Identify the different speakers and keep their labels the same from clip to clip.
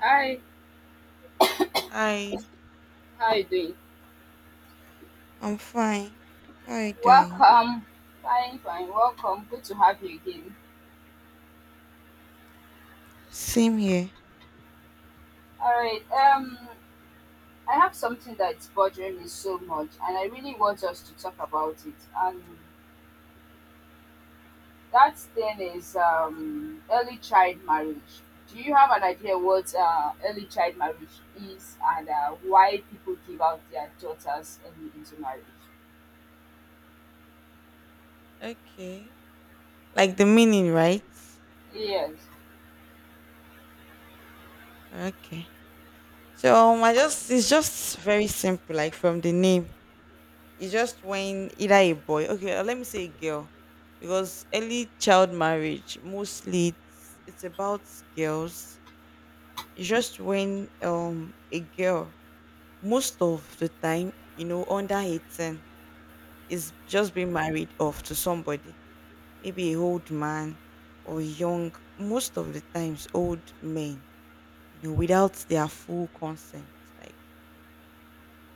Speaker 1: Hi,
Speaker 2: Hi.
Speaker 1: how you doing?
Speaker 2: I'm fine. How are you doing?
Speaker 1: Welcome. Fine, fine. Welcome. Good to have you again.
Speaker 2: Same here.
Speaker 1: All right. I have something that's bothering me so much, and I really want us to talk about it. And that thing is early child marriage. Do you have an idea what early child marriage is and why people give out their daughters early into marriage?
Speaker 2: Okay. Like the meaning, right?
Speaker 1: Yes.
Speaker 2: Okay. So I just it's just very simple, like from the name. It's just when either a boy, okay, let me say a girl, because early child marriage mostly it's about girls. It's just when a girl most of the time, you know, under 18 is just being married off to somebody. Maybe a old man, or young, most of the times old men, you know, without their full consent, like,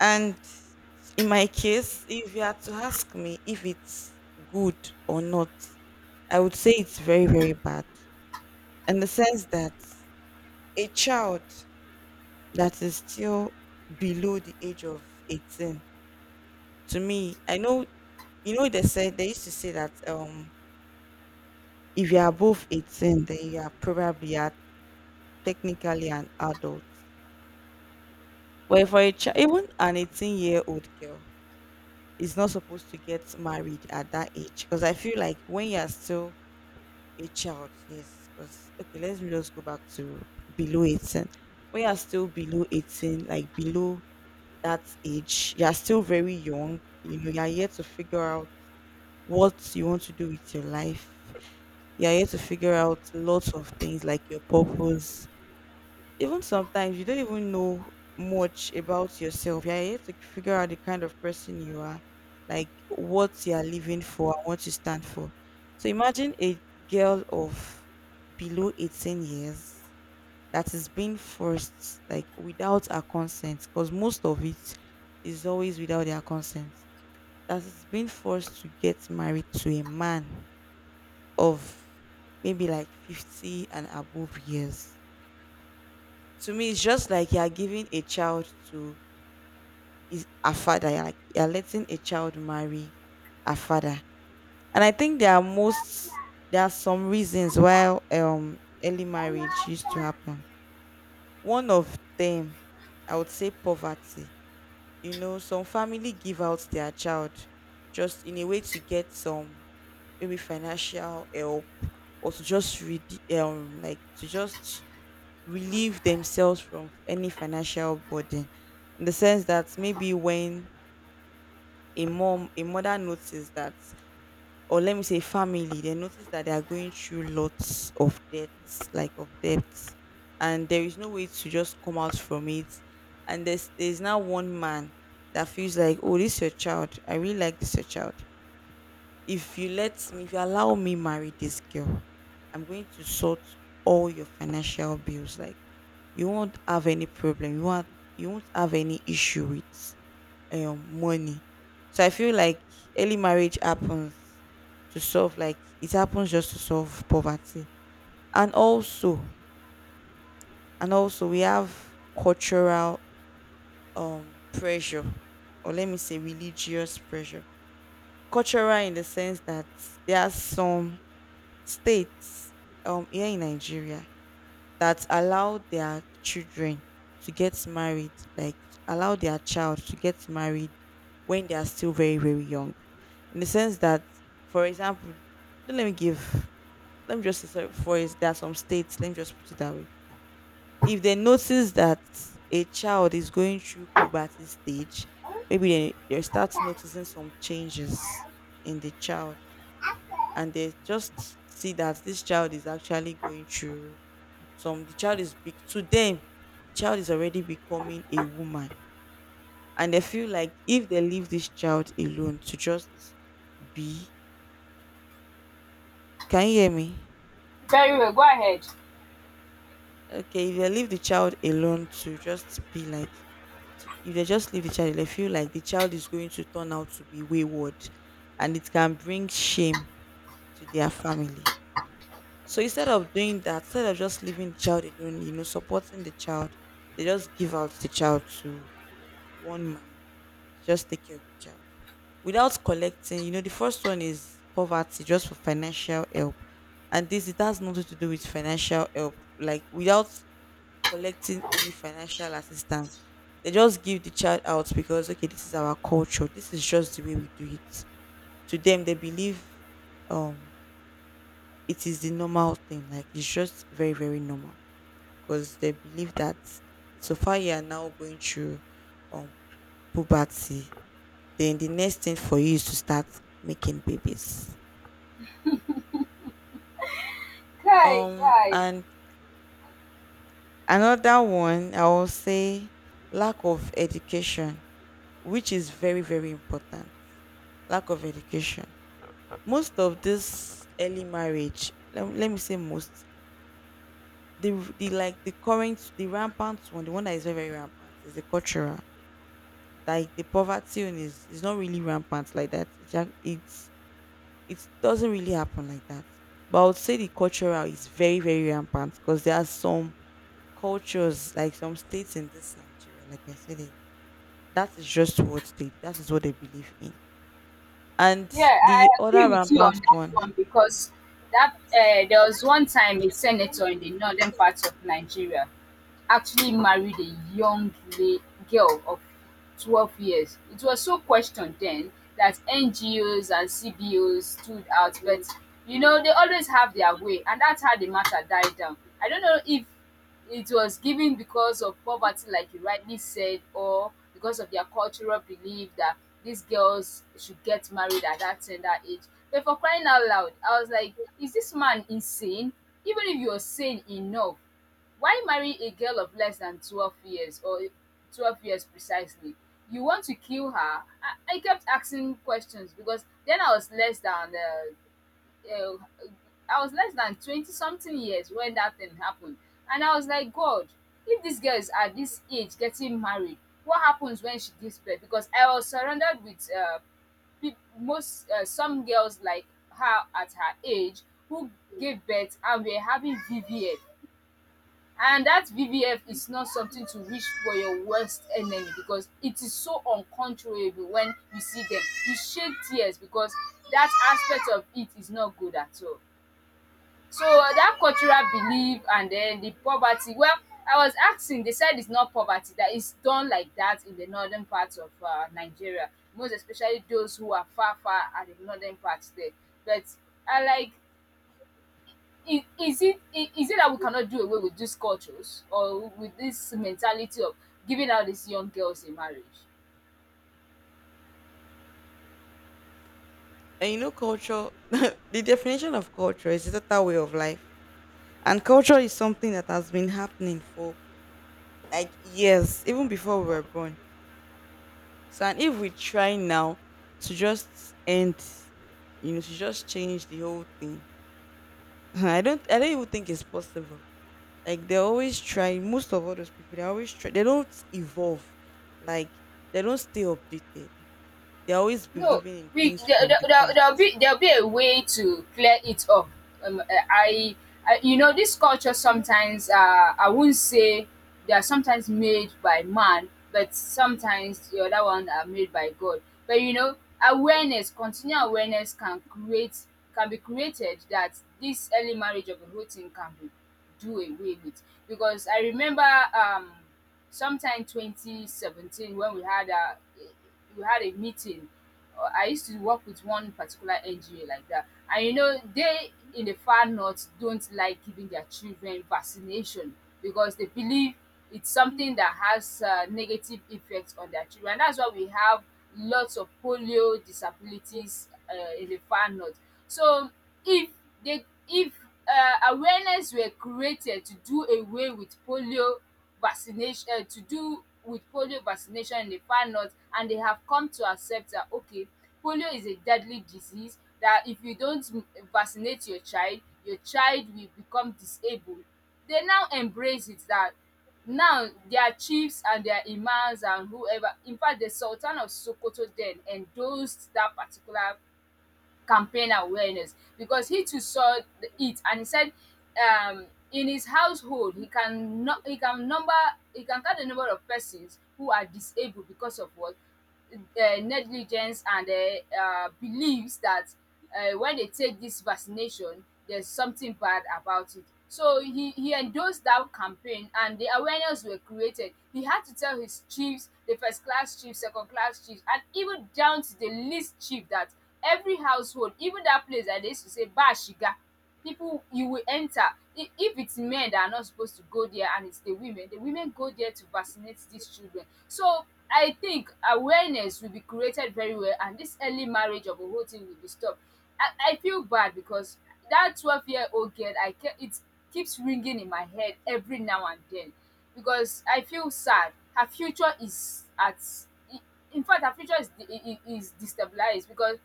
Speaker 2: and in my case, if you had to ask me if it's good or not, I would say it's very very bad, in the sense that a child that is still below the age of 18, to me, I know, you know, they said they used to say that if you are above 18, then you are probably at, technically, an adult. But even an 18-year-old girl is not supposed to get married at that age, because I feel like when you're still a child, yes, because okay, let's just go back to below 18. When you're still below 18, like below that age, you're still very young, you know, you're yet to figure out what you want to do with your life. You're yet to figure out lots of things like your purpose. Even sometimes you don't even know much about yourself. You're yet to figure out the kind of person you are, like what you are living for and what you stand for. So imagine a girl of below 18 years that is being forced, like without her consent, because most of it is always without their consent. That is being forced to get married to a man of maybe like 50 and above years. To me it's just like you're giving a child to is a father, you're like you're letting a child marry a father. And I think there are some reasons why early marriage used to happen. One of them, I would say, poverty. You know, some family give out their child just in a way to get some, maybe, financial help, or to just read, like to just relieve themselves from any financial burden, in the sense that maybe when a mother notices that, or let me say family, they notice that they are going through lots of debts, like of debts, and there is no way to just come out from it. And there's now one man that feels like, oh, this your child, I really like this your child, if you let me, if you allow me marry this girl, I'm going to sort all your financial bills, like, you won't have any problem, you won't have any issue with money. So I feel like early marriage happens to solve, like it happens just to solve poverty. And also, and also, we have cultural pressure, or let me say religious pressure. Cultural in the sense that there are some states here in Nigeria that allow their children to get married, like allow their child to get married when they are still very, very young. In the sense that, for example, let me give, let me just say, sorry, for is there are some states, let me just put it that way. If they notice that a child is going through puberty stage, maybe they start noticing some changes in the child, and they just see that this child is actually going through some, the child is big to them, the child is already becoming a woman, and they feel like if they leave this child alone to just be, can you hear me?
Speaker 1: Very well. Go ahead.
Speaker 2: Okay, if they leave the child alone to just be like, if they just leave the child, they feel like the child is going to turn out to be wayward, and it can bring shame to their family. So instead of doing that, instead of just leaving the child alone, you know, supporting the child, they just give out the child to one man, just take care of the child without collecting. You know, the first one is poverty, just for financial help. And this, it has nothing to do with financial help. Like without collecting any financial assistance, they just give the child out because okay, this is our culture, this is just the way we do it. To them, they believe um it is the normal thing. Like it's just very very normal, because they believe that so far you are now going through um poverty, then the next thing for you is to start making babies.
Speaker 1: Guy, guy.
Speaker 2: And another one, I will say, lack of education, which is very, very important. Lack of education. Most of this early marriage, let me say most, the, the like the current, the rampant one, the one that is very, very rampant is the cultural. Like the poverty one is not really rampant like that. It's, it doesn't really happen like that. But I would say the cultural is very, very rampant because there are some cultures, like some states in this Nigeria, like I said earlier, that is just what they do. That is what they believe in. And
Speaker 1: Yeah, I
Speaker 2: the
Speaker 1: agree
Speaker 2: other
Speaker 1: with you
Speaker 2: rampant
Speaker 1: on that
Speaker 2: one,
Speaker 1: one because that there was one time a senator in the northern part of Nigeria actually married a young lay girl of 12 years. It was so questioned then that NGOs and CBOs stood out, but you know, they always have their way, and that's how the matter died down. I don't know if it was given because of poverty, like you rightly said, or because of their cultural belief that these girls should get married at that tender age. But for crying out loud, I was like, is this man insane? Even if you're sane enough, why marry a girl of less than 12 years or 12 years precisely? You want to kill her? I kept asking questions because then I was less than uh, I was less than 20 something years when that thing happened. And I was like, God, if these girls at this age getting married, what happens when she gives birth? Because I was surrounded with peop- most some girls like her at her age who gave birth and were having VVF. And that VVF is not something to wish for your worst enemy because it is so uncontrollable when you see them. You shed tears because that aspect of it is not good at all. So that cultural belief and then the poverty, well, I was asking, they said it's not poverty, that it's done like that in the northern part of Nigeria, most especially those who are far, far at the northern parts there. But I like is it that we cannot do away with these cultures or with this mentality of giving out these young girls in marriage?
Speaker 2: and you know, culture, the definition of culture is a total way of life. And culture is something that has been happening for like years, even before we were born. So, and if we try now to just end, you know, to just change the whole thing, I don't even think it's possible. Like they're always trying, most of all those people, they always try, they don't evolve. Like they don't stay updated. They're always
Speaker 1: No,
Speaker 2: believing in
Speaker 1: we
Speaker 2: things
Speaker 1: there,
Speaker 2: from
Speaker 1: there,
Speaker 2: the
Speaker 1: there-
Speaker 2: past.
Speaker 1: there'll be a way to clear it up. Um, uh, I, I, you know, this culture sometimes I wouldn't say they are sometimes made by man, but sometimes the other one are made by God. But you know awareness, continual awareness can be created that this early marriage of the whole thing can be do away with because I remember sometime 2017 when we had a meeting. I used to work with one particular NGO like that. And you know, they in the far north don't like giving their children vaccination because they believe it's something that has negative effects on their children. And that's why we have lots of polio disabilities in the far north. So if if awareness were created to do with polio vaccination in the far north and they have come to accept that okay polio is a deadly disease that if you don't vaccinate your child, your child will become disabled. They now embrace it that now their chiefs and their imams and whoever, in fact the sultan of Sokoto then endorsed that particular campaign awareness because he too saw it, and he said, in his household he can no, he can number, he can count the number of persons who are disabled because of what, negligence and believes that when they take this vaccination, there's something bad about it. So he endorsed that campaign and the awareness were created. He had to tell his chiefs, the first class chiefs, second class chiefs, and even down to the least chief that every household, even that place that they used to say Bashiga, people you will enter. If it's men that are not supposed to go there and it's the women, the women go there to vaccinate these children. So I think awareness will be created very well and this early marriage of a whole thing will be stopped. I feel bad because that 12 year old girl, I ke it keeps ringing in my head every now and then because I feel sad, her future is at i- in fact her future is is destabilized because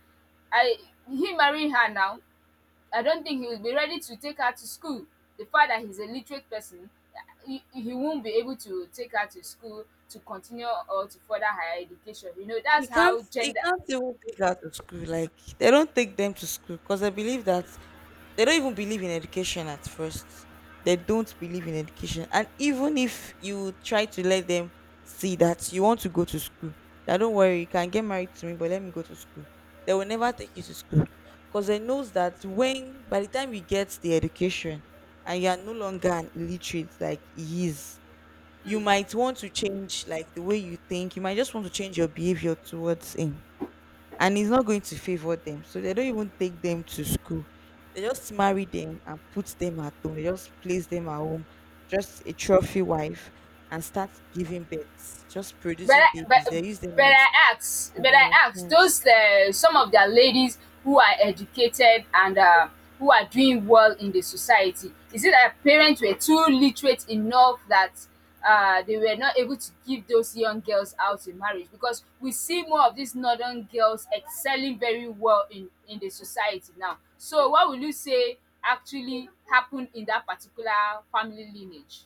Speaker 1: I, he marrying her now, I don't think he will be ready to take her to school. The fact that he's a literate person, he won't be able to take her to school to continue or to further higher education. You know, that's how
Speaker 2: You
Speaker 1: gender.
Speaker 2: can't even take her to school. Like they don't take them to school, because I believe that they don't even believe in education at first. They don't believe in education. And even if you try to let them see that you want to go to school, that don't worry, you can get married to me, but let me go to school, they will never take you to school, because they knows that when by the time you get the education and you are no longer an illiterate like he is, you
Speaker 1: Mm.
Speaker 2: might want to change like the way you think. You might just want to change your behavior towards him, and it's not going to favor them. So they don't even take them to school. They just marry them and put them at home. They just place them at home, just a trophy wife, and start giving birth, just
Speaker 1: but
Speaker 2: producing
Speaker 1: I,
Speaker 2: babies.
Speaker 1: but
Speaker 2: They use them
Speaker 1: but I ask,
Speaker 2: as
Speaker 1: but I ask
Speaker 2: machines.
Speaker 1: those some of their ladies who are educated and who are doing well in the society. Is it that parents were too literate enough that they were not able to give those young girls out in marriage? Because we see more of these northern girls excelling very well in the society now. So what will you say actually happened in that particular family lineage?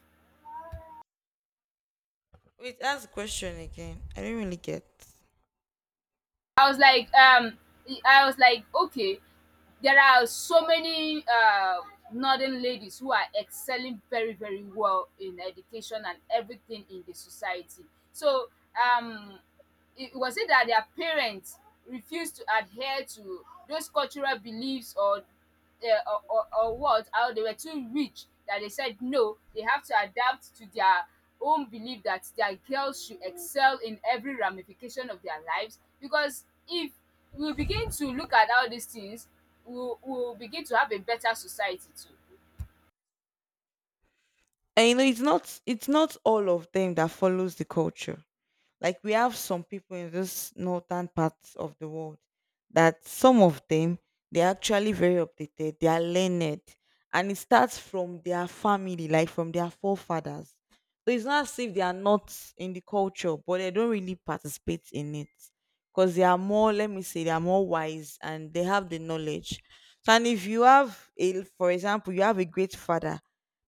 Speaker 2: Wait, ask the question again. I don't really get.
Speaker 1: I was like, um, I was like, okay, there are so many northern ladies who are excelling very, very well in education and everything in the society. So, um, it was it that their parents refused to adhere to those cultural beliefs or what, how they were too rich that they said no, they have to adapt to their own belief that their girls should excel in every ramification of their lives, because if we begin to look at all these things, we'll begin to have a better society too.
Speaker 2: And you know, it's not all of them that follows the culture. Like we have some people in this northern parts of the world that some of them, they're actually very updated, they are learned, and it starts from their family, like from their forefathers. So it's not as if they are not in the culture, but they don't really participate in it because they are more, let me say, they are more wise and they have the knowledge. So, and if you have a, for example, you have a great father,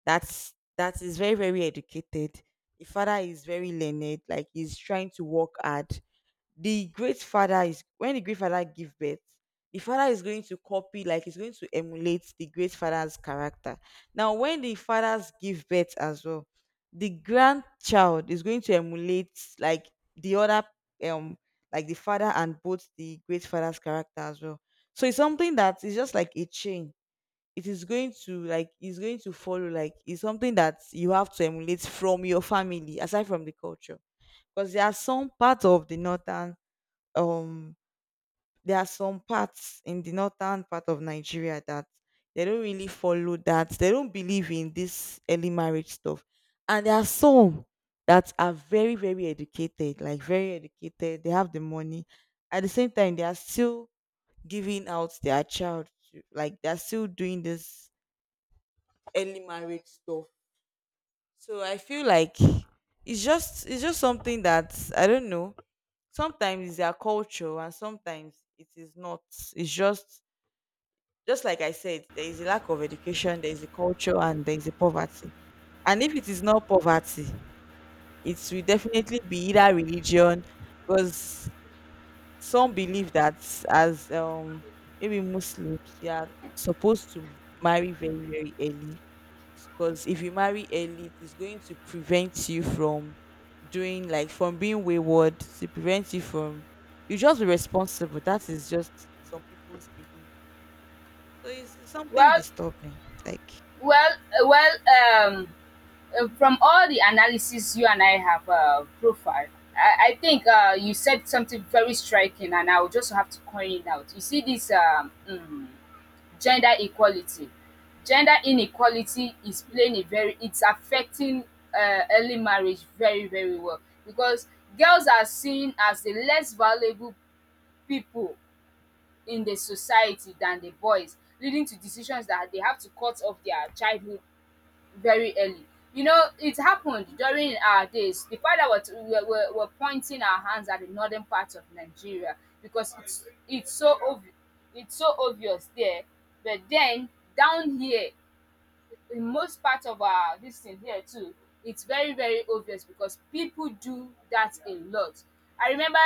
Speaker 2: that is very very educated, the father is very learned, like he's trying to work hard. The great father is, when the great father give birth, the father is going to copy, like he's going to emulate the great father's character. Now when the fathers give birth as well, the grandchild is going to emulate like the other, um like the father and both the great father's character as well. So it's something that is just like a chain. It is going to like, it's going to follow, like it's something that you have to emulate from your family aside from the culture. Because there are some parts of the northern, um there are some parts in the northern part of Nigeria that they don't really follow that, they don't believe in this early marriage stuff. And there are some that are very very educated, like very educated, they have the money, at the same time they are still giving out their child to, like they're still doing this early marriage stuff. So I feel like it's just, it's just something that I don't know. Sometimes it's their culture and sometimes it is not. It's just like I said, there is a lack of education, there is a culture and there is a poverty. And if it is not poverty, it will definitely be either religion, because some believe that as maybe Muslims, you are supposed to marry very, very early, because if you marry early, it is going to prevent you from doing like from being wayward, to prevent you from, you just be responsible. That is just some people's belief. So it's something
Speaker 1: well
Speaker 2: disturbing, like.
Speaker 1: well uh, well um from all the analysis you and I have profiled, I think you said something very striking, and I would just have to point it out. You see, this gender equality, gender inequality is playing a very, it's affecting early marriage very, very well because girls are seen as the less valuable people in the society than the boys, leading to decisions that they have to cut off their childhood very early. You know, it happened during our days. The father were pointing our hands at the northern part of Nigeria because it's so it's so obvious there. But then down here, in most part of our this thing here too, it's very very obvious because people do that a lot. I remember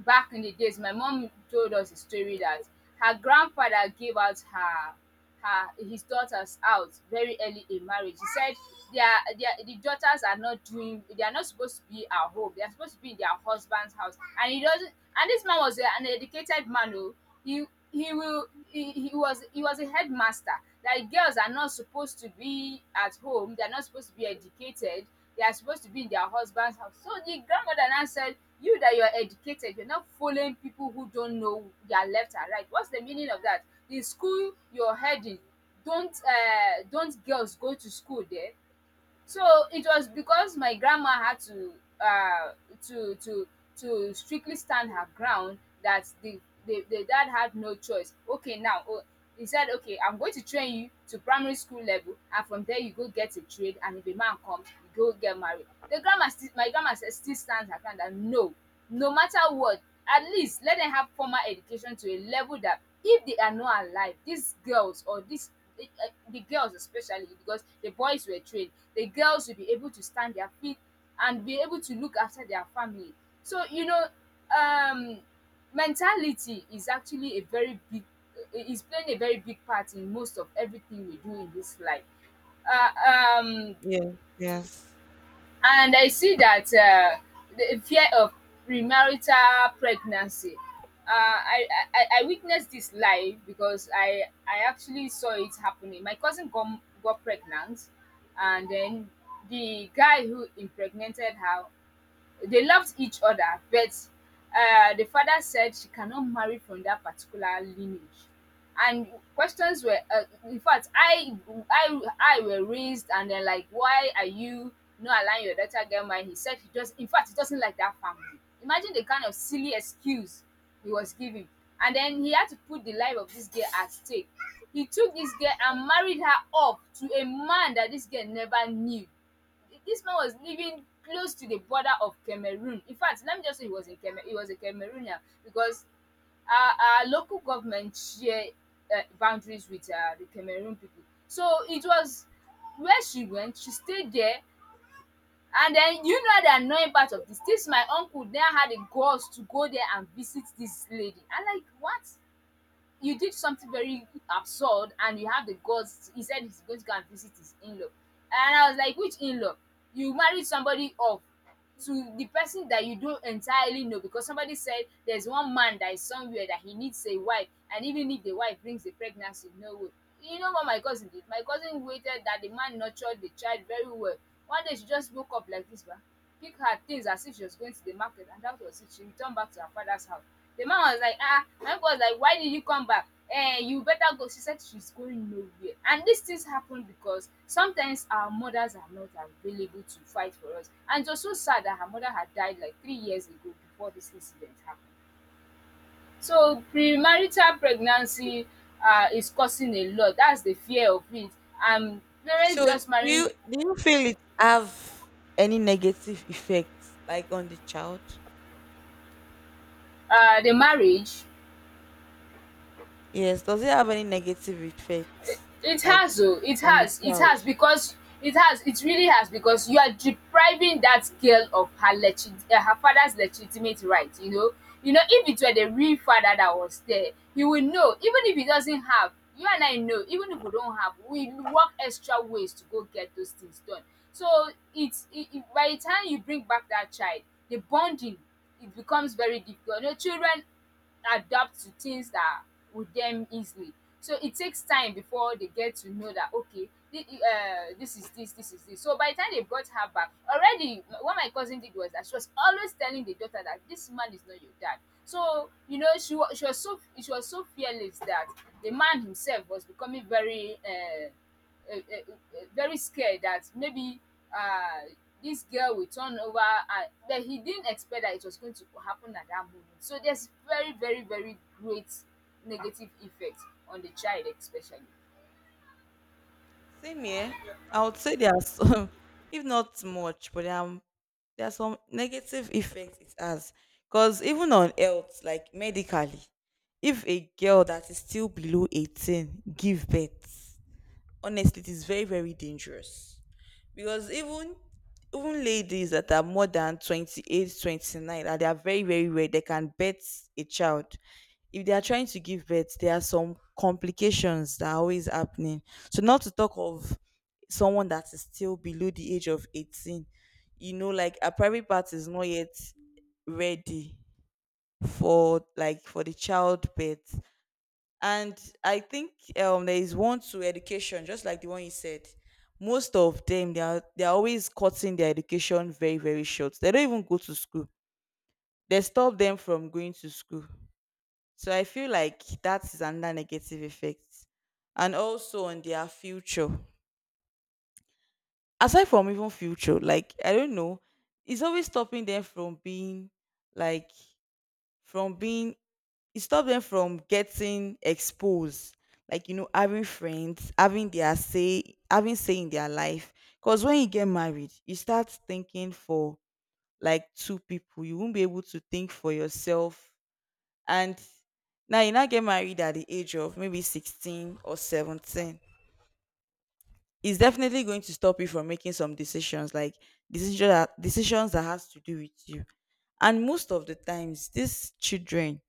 Speaker 1: back in the days my mom told us a story that her grandfather gave out her his daughters out very early in marriage. He said their their the daughters are not doing, they are not supposed to be at home, they are supposed to be in their husband's house. And he doesn't, and this man was a, an educated man oh, he he was he was a headmaster, that girls are not supposed to be at home, they are not supposed to be educated, they are supposed to be in their husband's house. So the grandmother now said, you that you are educated, you're not fooling people who don't know their left and right, what's the meaning of that? The school you're heading, don't girls go to school there? So it was because my grandma had to uh to to to strictly stand her ground that the dad had no choice. Okay, now oh, he said, okay, I'm going to train you to primary school level, and from there you go get a trade, and if a man comes, you go get married. The grandma still, my grandma said, still stands her ground that no, no matter what, at least let them have formal education to a level that if they are not alive, these girls or these the girls especially, because the boys were trained, the girls will be able to stand their feet and be able to look after their family. So, you know, um, mentality is actually a very big, is playing a very big part in most of everything we do in this life. Uh, um,
Speaker 2: Yeah. Yes.
Speaker 1: and I see that the fear of premarital pregnancy. Uh, I, I witnessed this live because I actually saw it happening. My cousin got pregnant, and then the guy who impregnated her, they loved each other, but the father said she cannot marry from that particular lineage. And questions were, in fact, I were raised and they're like, why are you not allowing your daughter to get married? He said he just, in fact, he doesn't like that family. Imagine the kind of silly excuse he was giving. And then he had to put the life of this girl at stake. He took this girl and married her off to a man that this girl never knew. This man was living close to the border of Cameroon. In fact, let me just say he was a he was a Cameroonian because our local government share boundaries with the Cameroon people. So it was where she went, she stayed there. And then you know the annoying part of this. This my uncle then had the guts to go there and visit this lady. I'm like, what? You did something very absurd and you have the guts. He said he's going to go and visit his in-law, and I was like, which in-law? You married somebody off to the person that you don't entirely know because somebody said there's one man that is somewhere that he needs a wife. And even if the wife brings a pregnancy, no way. You know what my cousin did? My cousin waited that the man nurtured the child very well. One day she just woke up like this, bah, pick her things as if she was going to the market, and that was it. She returned back to her father's house. The man was like, ah, my uncle was like, why did you come back? Eh, you better go. She said she's going nowhere. And these things happen because sometimes our mothers are not available to fight for us. And it was so sad that her mother had died like 3 years ago before this incident happened. So premarital pregnancy is causing a lot. That's the fear of it. And
Speaker 2: So
Speaker 1: parents
Speaker 2: do
Speaker 1: just
Speaker 2: you
Speaker 1: marrying.
Speaker 2: do you feel it have any negative effects, like, on the child?
Speaker 1: The marriage,
Speaker 2: Yes, does it have any negative effects,
Speaker 1: it
Speaker 2: like,
Speaker 1: has. Oh, it
Speaker 2: on the
Speaker 1: has, it
Speaker 2: child?
Speaker 1: has, because it has, it really has, because you are depriving that girl of her legit her father's legitimate right, you know. You know if it were the real father that was there, he will know. Even if he doesn't have, you and I know, even if we don't have, we work extra ways to go get those things done. So it's it it by the time you bring back that child, the bonding, it becomes very difficult. You know children adapt to things that with them easily. So it takes time before they get to know that, okay, this is this, this is this. So by the time they brought her back, already what my cousin did was that she was always telling the daughter that this man is not your dad. So you know she was so she was so fearless that the man himself was becoming very. Very scared that maybe uh, this girl will turn over, and that he didn't expect that it was going to happen at that moment. So there's very, very, very great negative effect on the child, especially.
Speaker 2: Same here. I would say there are some, if not much, but there are some negative effects it has. Because even on health, like medically, if a girl that is still below 18 give birth, honestly, it is very, very dangerous. Because even even ladies that are more than 28, 29, 29, and they are very, very rare they can birth a child. If they are trying to give birth, there are some complications that are always happening. So not to talk of someone that is still below the age of 18. You know, like a private part is not yet ready for, like, for the childbirth. And I think there is one to education, just like the one you said. Most of them, they are always cutting their education very, very short. They don't even go to school. They stop them from going to school. So I feel like that is another negative effect, and also on their future. Aside from even future, like, I don't know, it's always stopping them from being, like, from being, it stops them from getting exposed, like, you know, having friends, having their say, having say in their life. Because when you get married, you start thinking for, like, two people. You won't be able to think for yourself. And now you now get married at the age of maybe 16 or 17, it's definitely going to stop you from making some decisions, like decision that decisions that has to do with you. And most of the times, these children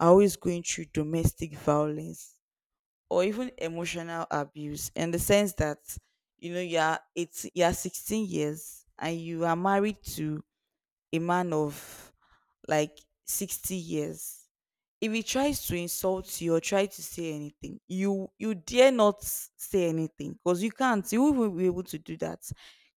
Speaker 2: are always going through domestic violence or even emotional abuse, in the sense that, you know, you are, it's, you are 16 years and you are married to a man of, like, 60 years. If he tries to insult you or try to say anything, you dare not say anything, because you can't, you won't be able to do that.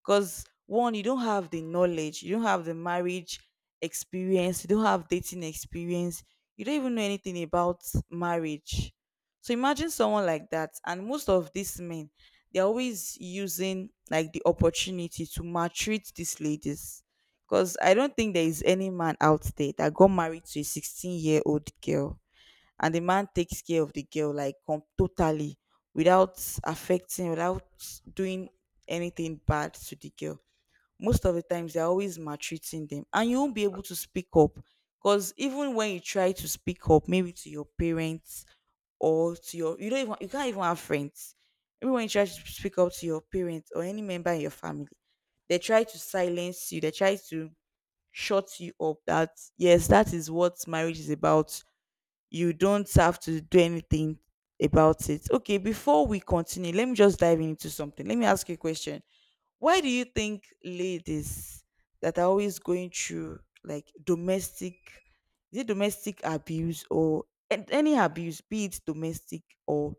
Speaker 2: Because one, you don't have the knowledge, you don't have the marriage experience, you don't have dating experience, you don't even know anything about marriage. So imagine someone like that. And most of these men, they're always using, like, the opportunity to maltreat these ladies. Because I don't think there is any man out there that got married to a 16-year-old girl and the man takes care of the girl, like totally, without affecting, without doing anything bad to the girl. Most of the times, they're always maltreating them and you won't be able to speak up. Because even when you try to speak up, maybe to your parents or to your, you don't even, you can't even have friends. Even when you try to speak up to your parents or any member in your family, they try to silence you. They try to shut you up that yes, that is what marriage is about. You don't have to do anything about it. Okay, before we continue, let me just dive into something. Let me ask you a question. Why do you think ladies that are always going through like domestic, is it domestic abuse or any abuse, be it domestic or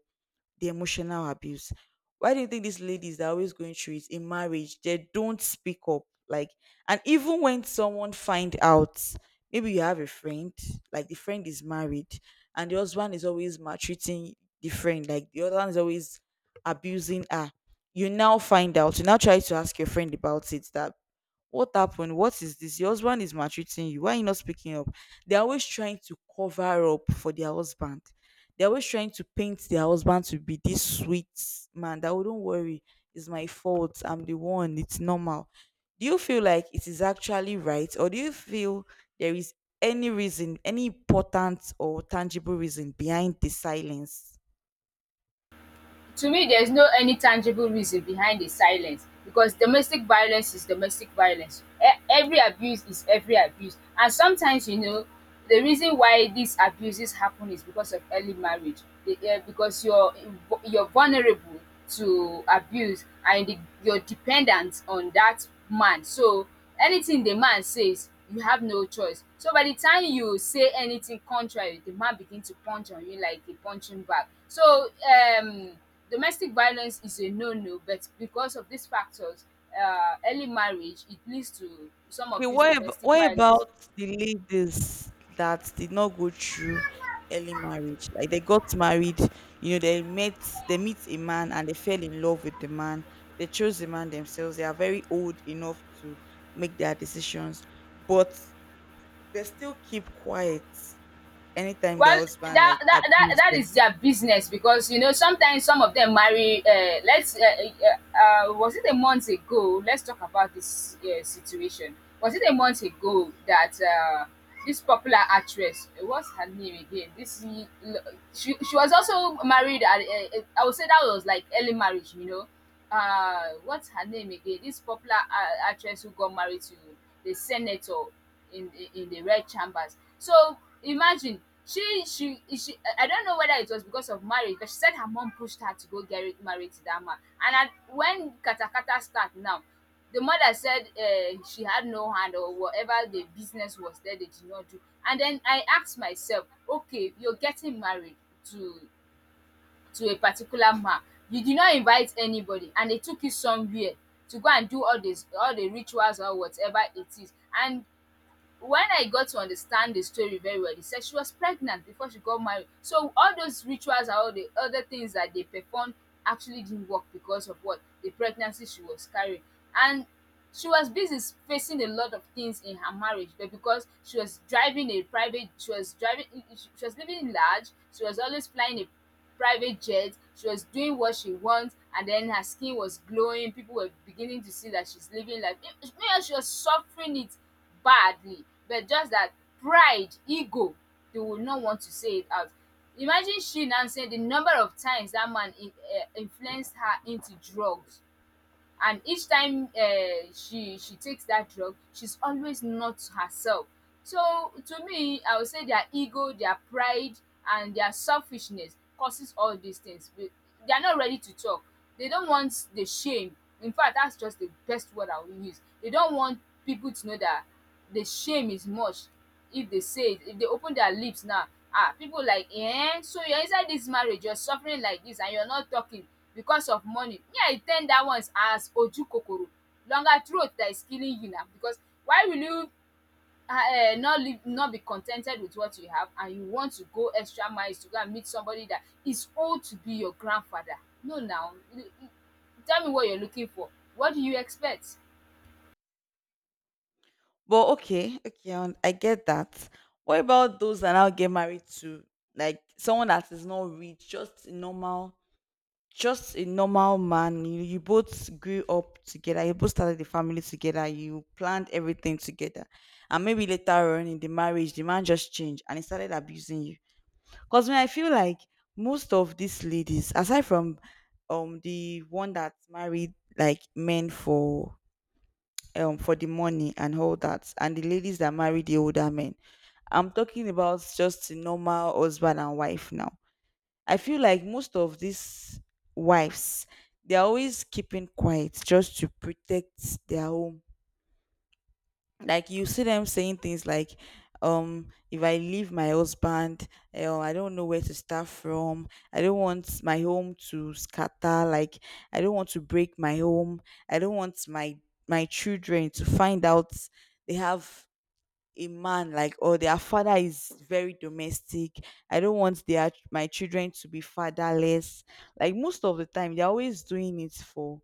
Speaker 2: the emotional abuse. Why do you think these ladies are always going through it in marriage? They don't speak up. Like, and even when someone find out, maybe you have a friend, like the friend is married, and the husband is always maltreating the friend, like, the other one is always abusing her. You now find out, you now try to ask your friend about it that, what happened? What is this? Your husband is maltreating you. Why are you not speaking up? They're always trying to cover up for their husband. They're always trying to paint their husband to be this sweet man that wouldn't worry. It's my fault. I'm the one. It's normal. Do you feel like it is actually right, or do you feel there is any reason, any important or tangible reason behind the silence?
Speaker 1: To me, there's no any tangible reason behind the silence because domestic violence is domestic violence. Every abuse is every abuse. And sometimes, you know, the reason why these abuses happen is because of early marriage. Because you're vulnerable to abuse, and you're dependent on that man. So anything the man says, you have no choice. So by the time you say anything contrary, the man begin to punch on you like a punching bag. So domestic violence is a no-no, but because of these factors, early marriage, it leads to some
Speaker 2: Okay,
Speaker 1: of this
Speaker 2: what
Speaker 1: domestic
Speaker 2: what
Speaker 1: violence.
Speaker 2: about the ladies that did not go through early marriage? Like, they got married, you know, they met, they meet a man and they fell in love with the man. They chose the man themselves. They are very old enough to make their decisions, but they still keep quiet anytime their
Speaker 1: Well,
Speaker 2: husband
Speaker 1: that
Speaker 2: like
Speaker 1: that that
Speaker 2: abuse
Speaker 1: that
Speaker 2: them.
Speaker 1: is their business because you know sometimes some of them marry. Let's Was it a month ago? Let's talk about this situation. Was it a month ago that this popular actress, what's her name again? She was also married. At, I would say that was like early marriage. You know, what's her name again? This popular actress who got married to the senator in the red chambers. So imagine she I don't know whether it was because of marriage, but she said her mom pushed her to go get married to that man. And when katakata start now, the mother said she had no hand or whatever. The business was there, they did not do. And then I asked myself, okay, you're getting married to a particular man, you did not invite anybody, and they took you somewhere to go and do all this, all the rituals or whatever it is. And when I got to understand the story very well, they said she was pregnant before she got married. So all those rituals and all the other things that they performed actually didn't work because of what the pregnancy she was carrying. And she was busy facing a lot of things in her marriage, but because she was driving a private, she was living large. She was always flying a private jet. She was doing what she wants, and then her skin was glowing. People were beginning to see that she's living life. Meanwhile, she was suffering it badly, but just that pride, ego, they would not want to say it out. Imagine she now saying the number of times that man influenced her into drugs, and each time she takes that drug, she's always not herself. So to me, I would say their ego, their pride, and their selfishness causes all these things. They are not ready to talk. They don't want the shame. In fact, that's just the best word I will use. They don't want people to know that. The shame is much. If they say it, if they open their lips now, ah, people like, eh, so you're inside this marriage, you're suffering like this and you're not talking because of money. Me, I term that one as ojukokoro, longer throat that is killing you now. Because why will you not live, not be contented with what you have, and you want to go extra miles to go and meet somebody that is old to be your grandfather? No now, tell me what you're looking for. What do you expect?
Speaker 2: But okay, okay, I get that. What about those that now get married to like someone that is not rich, just a normal man. You both grew up together. You both started the family together. You planned everything together. And maybe later on in the marriage, the man just changed and he started abusing you. Because when I feel like most of these ladies, aside from the one that married like men for the money and all that, and the ladies that married the older men, I'm talking about just a normal husband and wife now. I feel like most of these wives, they're always keeping quiet just to protect their home. Like, you see them saying things like, if I leave my husband, I don't know where to start from. I don't want my home to scatter. Like, I don't want to break my home. I don't want my children to find out they have a man like, or their father is very domestic, I don't want their, my children to be fatherless. Like, most of the time they're always doing it for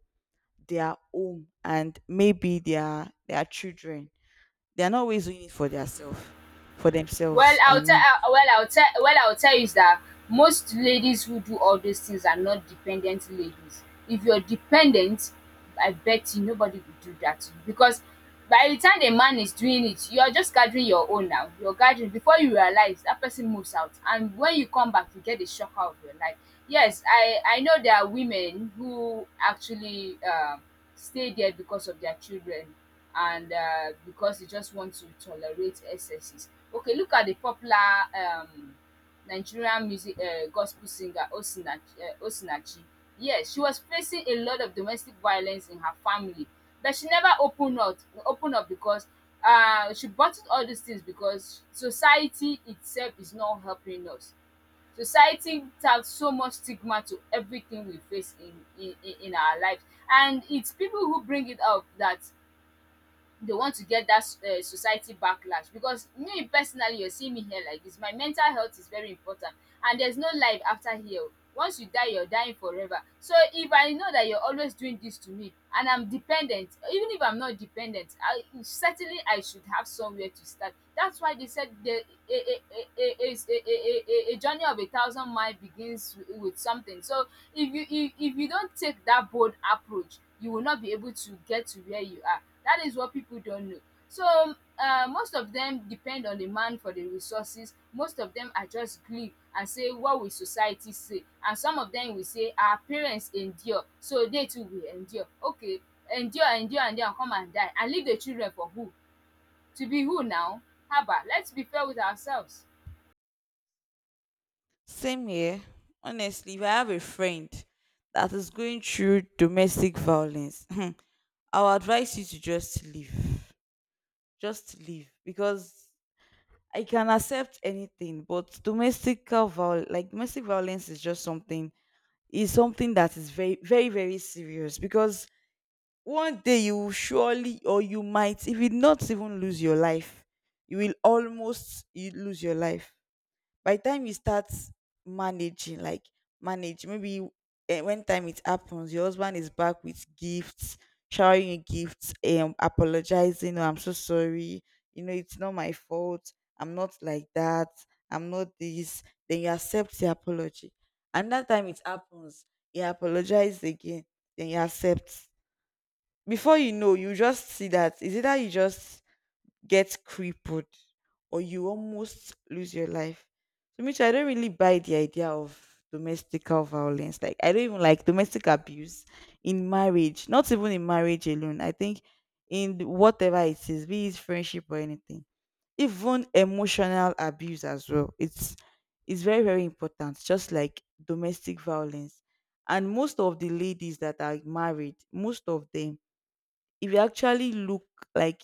Speaker 2: their home and maybe their children, they're not always doing it for themselves, for
Speaker 1: Well,
Speaker 2: themselves I
Speaker 1: I'll tell
Speaker 2: mean.
Speaker 1: well, I'll tell well, I'll tell you is that most ladies who do all those things are not dependent ladies. If you're dependent, I bet you nobody would do that to you, because by the time the man is doing it, you're just gathering your own now. You're gathering before you realize that person moves out, and when you come back, you get the shock out of your life. Yes, I know there are women who actually stay there because of their children, and because they just want to tolerate excesses. Okay, look at the popular um, Nigerian music gospel singer Osinachi, Osinachi. Yes, she was facing a lot of domestic violence in her family, but she never opened up. Opened up because she bottled all these things because society itself is not helping us. Society has so much stigma to everything we face in our lives, and it's people who bring it up that they want to get that society backlash. Because me personally, you're seeing me here like this, my mental health is very important, and there's no life after here oh. Once you die, you're dying forever. So if I know that you're always doing this to me, and I'm dependent, even if I'm not dependent, I certainly I should have somewhere to start. That's why they said the a a a a a a a journey of a thousand mile begins with something. So if you if you don't take that bold approach, you will not be able to get to where you are. That is what people don't know. So most of them depend on the man for the resources. Most of them are just gree and say what will society say, and some of them will say our parents endure so they too will endure. Okay, endure endure and den come and die and leave the children for who? To be who now? Haba, us be fair with ourselves.
Speaker 2: Same here. Honestly, if I have a friend that is going through domestic violence, I'll advise you to just leave. Just leave. Because I can accept anything, but domestic violence is just something, is something that is very, very, very serious. Because one day you will surely, or you might, if you not even lose your life, you will almost you lose your life. By the time you start managing, like manage maybe you- eh, when time it happens, your husband is back with gifts, showering you gifts, apologizing, oh, I'm so sorry, you know, it's not my fault, I'm not like that, I'm not this. Then you accept the apology. Another time it happens, you apologize again, then you accept. Before you know, you just see that is either you just get crippled or you almost lose your life. So Mitch, I don't really buy the idea of domestical violence. Like, I don't even like domestic abuse in marriage, not even in marriage alone. I think in whatever it is, be it friendship or anything. Even emotional abuse as well. It's very, very important, just like domestic violence. And most of the ladies that are married, most of them, if you actually look, like,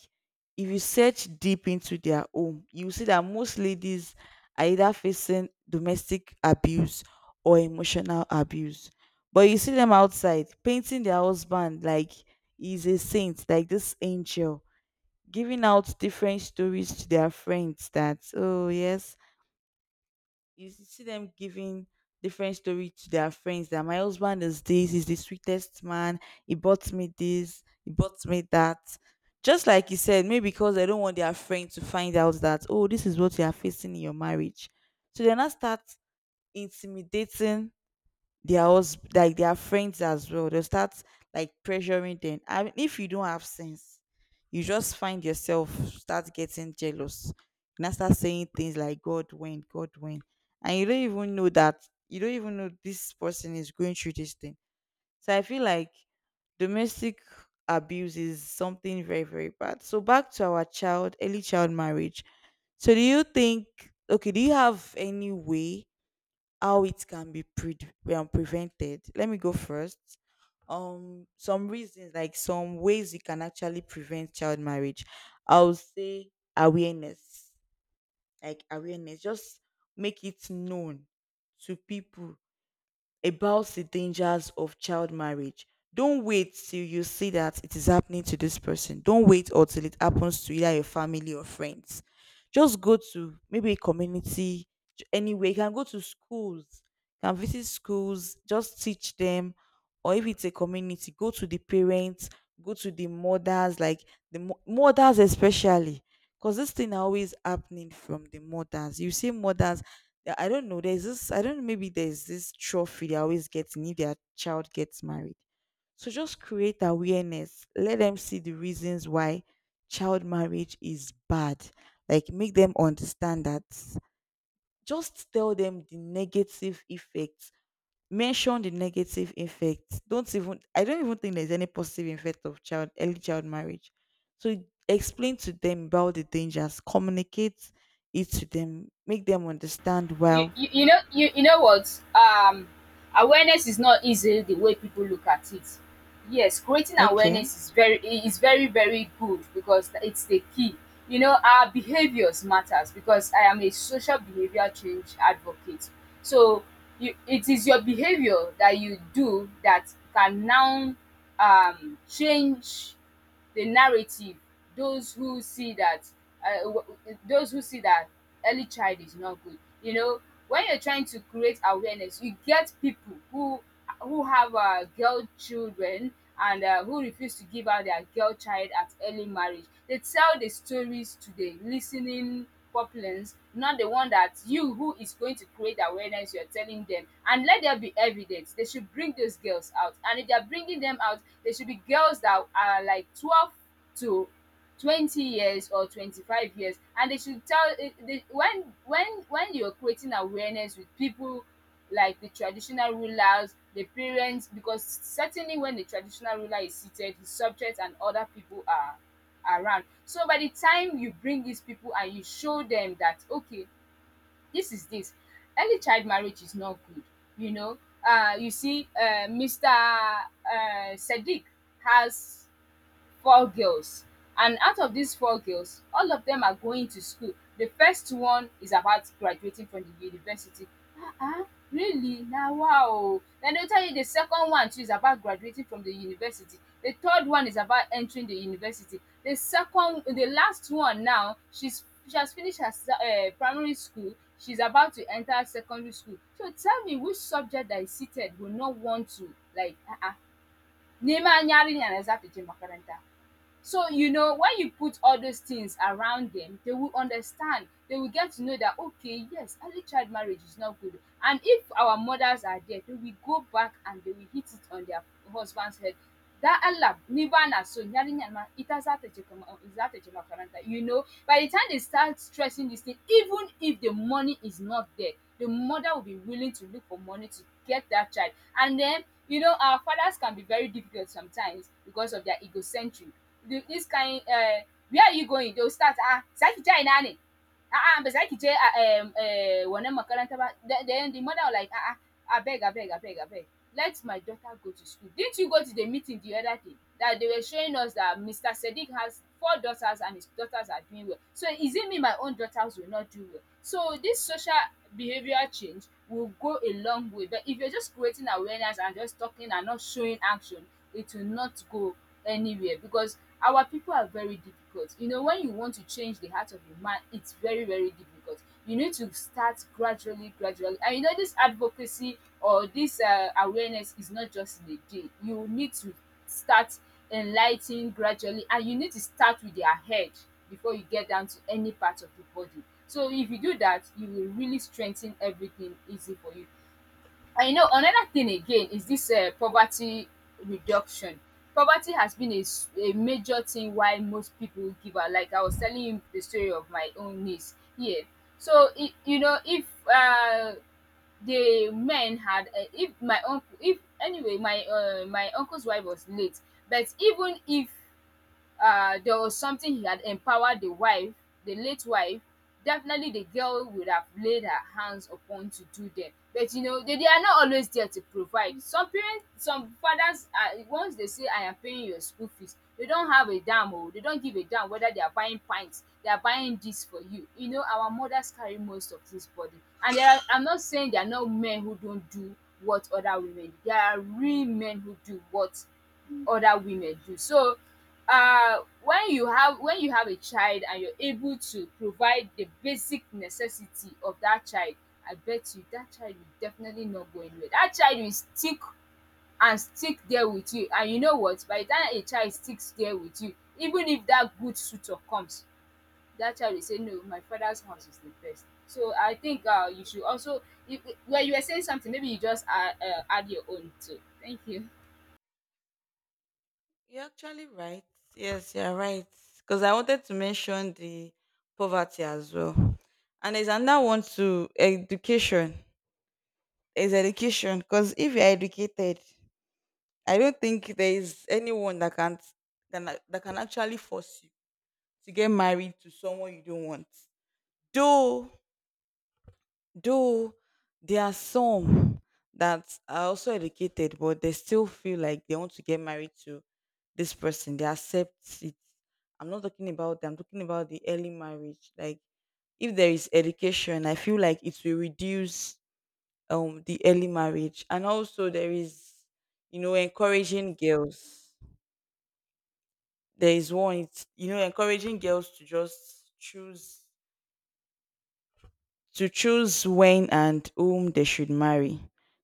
Speaker 2: if you search deep into their home, you will see that most ladies are either facing domestic abuse or emotional abuse. But you see them outside painting their husband like he's a saint, like this angel, giving out different stories to their friends that, oh yes, you see them giving different story to their friends that my husband is this, he's the sweetest man, he bought me this, he bought me that, just like you said, maybe because they don't want their friend to find out that, oh, this is what you are facing in your marriage. So they now start intimidating their like their friends as well. They'll start like pressuring them. I mean, if you don't have sense, you just find yourself start getting jealous. And I start saying things like, God when, God when. And you don't even know that, you don't even know this person is going through this thing. So I feel like domestic abuse is something very, very bad. So back to our child, early child marriage. So do you think, okay, do you have any way how it can be prevented. Let me go first. Some reasons, like some ways you can actually prevent child marriage. I would say awareness, like awareness, just make it known to people about the dangers of child marriage. Don't wait till you see that it is happening to this person. Don't wait or till it happens to either your family or friends. Just go to maybe a community, anywhere. You can go to schools, you can visit schools, just teach them. Or if it's a community, go to the parents, go to the mothers, like the mothers especially. Because this thing are always happening from the mothers. You see mothers. I don't know. There's this. I don't know. Maybe there's this trophy they always getting if their child gets married. So just create awareness. Let them see the reasons why child marriage is bad. Like, make them understand that. Just tell them the negative effects. Mention the negative effects. Don't even. I don't even think there's any positive effect of child early child marriage. So explain to them about the dangers. Communicate it to them. Make them understand
Speaker 1: You,
Speaker 2: well.
Speaker 1: you, you know what awareness is not easy the way people look at it. Yes, creating
Speaker 2: Okay.
Speaker 1: awareness is very very good because it's the key. You know, our behaviors matters because I am a social behavior change advocate. So you, it is your behavior that you do that can now change the narrative. Those who see that uh, w- those who see that early child is not good, you know. When you're trying to create awareness, you get people who have girl children and who refuse to give out their girl child at early marriage, they tell the stories to the listening populace, not the one that you who is going to create awareness, you're telling them. And let there be evidence, they should bring those girls out, and if they're bringing them out, they should be girls that are like 12 to 20 years or 25 years. And they should tell, eh, they, when you're creating awareness with people like the traditional rulers, the parents, because certainly when the traditional ruler is seated, his subjects and other people are around. So by the time you bring these people and you show them that, okay, this, early child marriage is not good, you know. You see, Mr. Sadiq has four girls, and out of these four girls, all of them are going to school. The first one is about graduating from the university. Ah, ah, really, na wow. Then they will tell you the second one too is about graduating from the university, the third one is about entering the university, the second, the last one now, she has finished her primary school, she's about to enter secondary school. So tell me which subject that is seated will not want to like um neman yarinya da zata je makaranta. So, you know, when you put all those things around them, they will understand. They will get to know that, okay, yes, early child marriage is not good. And if our mothers are there, they will go back and they will hit it on their husband's head. That Allah, Nibana, so Nyarinyanma, Itazatechemakaranta. You know, by the time they start stressing this thing, even if the money is not there, the mother will be willing to look for money to get that child. And then, you know, our fathers can be very difficult sometimes because of their egocentric, the this kind where are you going, they will start, ah za ki je ina ne, a'a ba za ki je a wannan makaranta ba. Then the mother will like, a'a, abeg abeg abeg abeg, let my daughter go to school. Didn't you go to the meeting the other day that they were showing us that Mr. Sadiq has four daughters and his daughters are doing well? So is it me, my own daughters will not do well? So this social behavioral change will go a long way, but if you're just creating awareness and just talking and not showing action, it will not go anywhere. Because our people are very difficult, you know, when you want to change the heart of a man, it's very very difficult. You need to start gradually gradually, and you know, this advocacy or this awareness is not just in a day. You need to start enlightening gradually, and you need to start with their head before you get down to any part of the body. So if you do that, you will really strengthen everything easy for you. I know another thing again is this poverty reduction. Poverty has been a, a major thing why most people give up. Like I was telling you the story of my own niece here. So you know, if the men had if my uncle, if anyway my my uncle's wife was late, but even if there was something he had empowered the wife, the late wife, definitely the girl would have laid her hands upon to do them. But you know, they are not always there to provide. Some parents, some fathers, are, once they say, I am paying your school fees, they don't have a damn, or they don't give a damn whether they are buying pints, they are buying this for you. You know, our mothers carry most of this burden. And there are, I'm not saying there are no men who don't do what other women do. There are real men who do what other women do. So uh, when you have a child and you're able to provide the basic necessity of that child, I bet you that child will definitely not go anywhere. That child will stick and stick there with you, and you know what, by the time a child sticks there with you, even if that good suitor comes, that child will say, no, my father's house is the best. So I think uh, you should also, if, well, you were saying something, maybe you just add your own too. Thank you.
Speaker 2: You're actually right. Yes, you're right. Because I wanted to mention the poverty as well. And there's another one to education. Is education. Because if you're educated, I don't think there is anyone that can, that can actually force you to get married to someone you don't want. Though Though there are some that are also educated, but they still feel like they want to get married to this person. They accept it. I'm not talking about them. I'm talking about the early marriage. Like, if there is education, I feel like it will reduce the early marriage. And also there is, you know, encouraging girls. There is one, it's, you know, encouraging girls to just choose, to choose when and whom they should marry.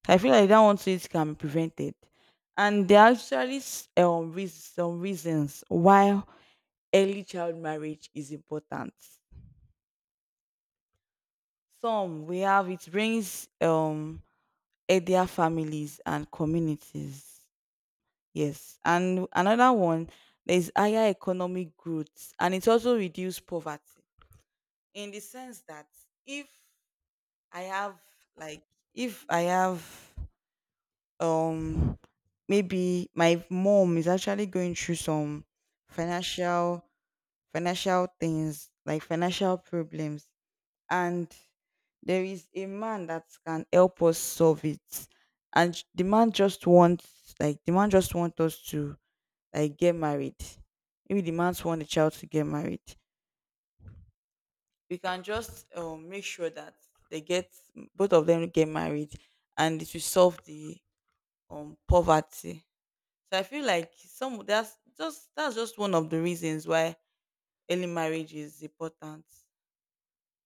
Speaker 2: I feel like that one too it can be prevented. And there are actually some reasons why early child marriage is important. Some we have, it brings healthier families and communities. Yes. And another one, there is higher economic growth and it also reduce poverty. In the sense that, if I have, like, if I have um maybe my mom is actually going through some financial financial things, like financial problems, and there is a man that can help us solve it, and the man just wants, like the man just wants us to, like, get married, maybe the man want the child to get married, we can just make sure that they get, both of them get married, and it will solve the poverty. So I feel like some, that's just, that's just one of the reasons why early marriage is important.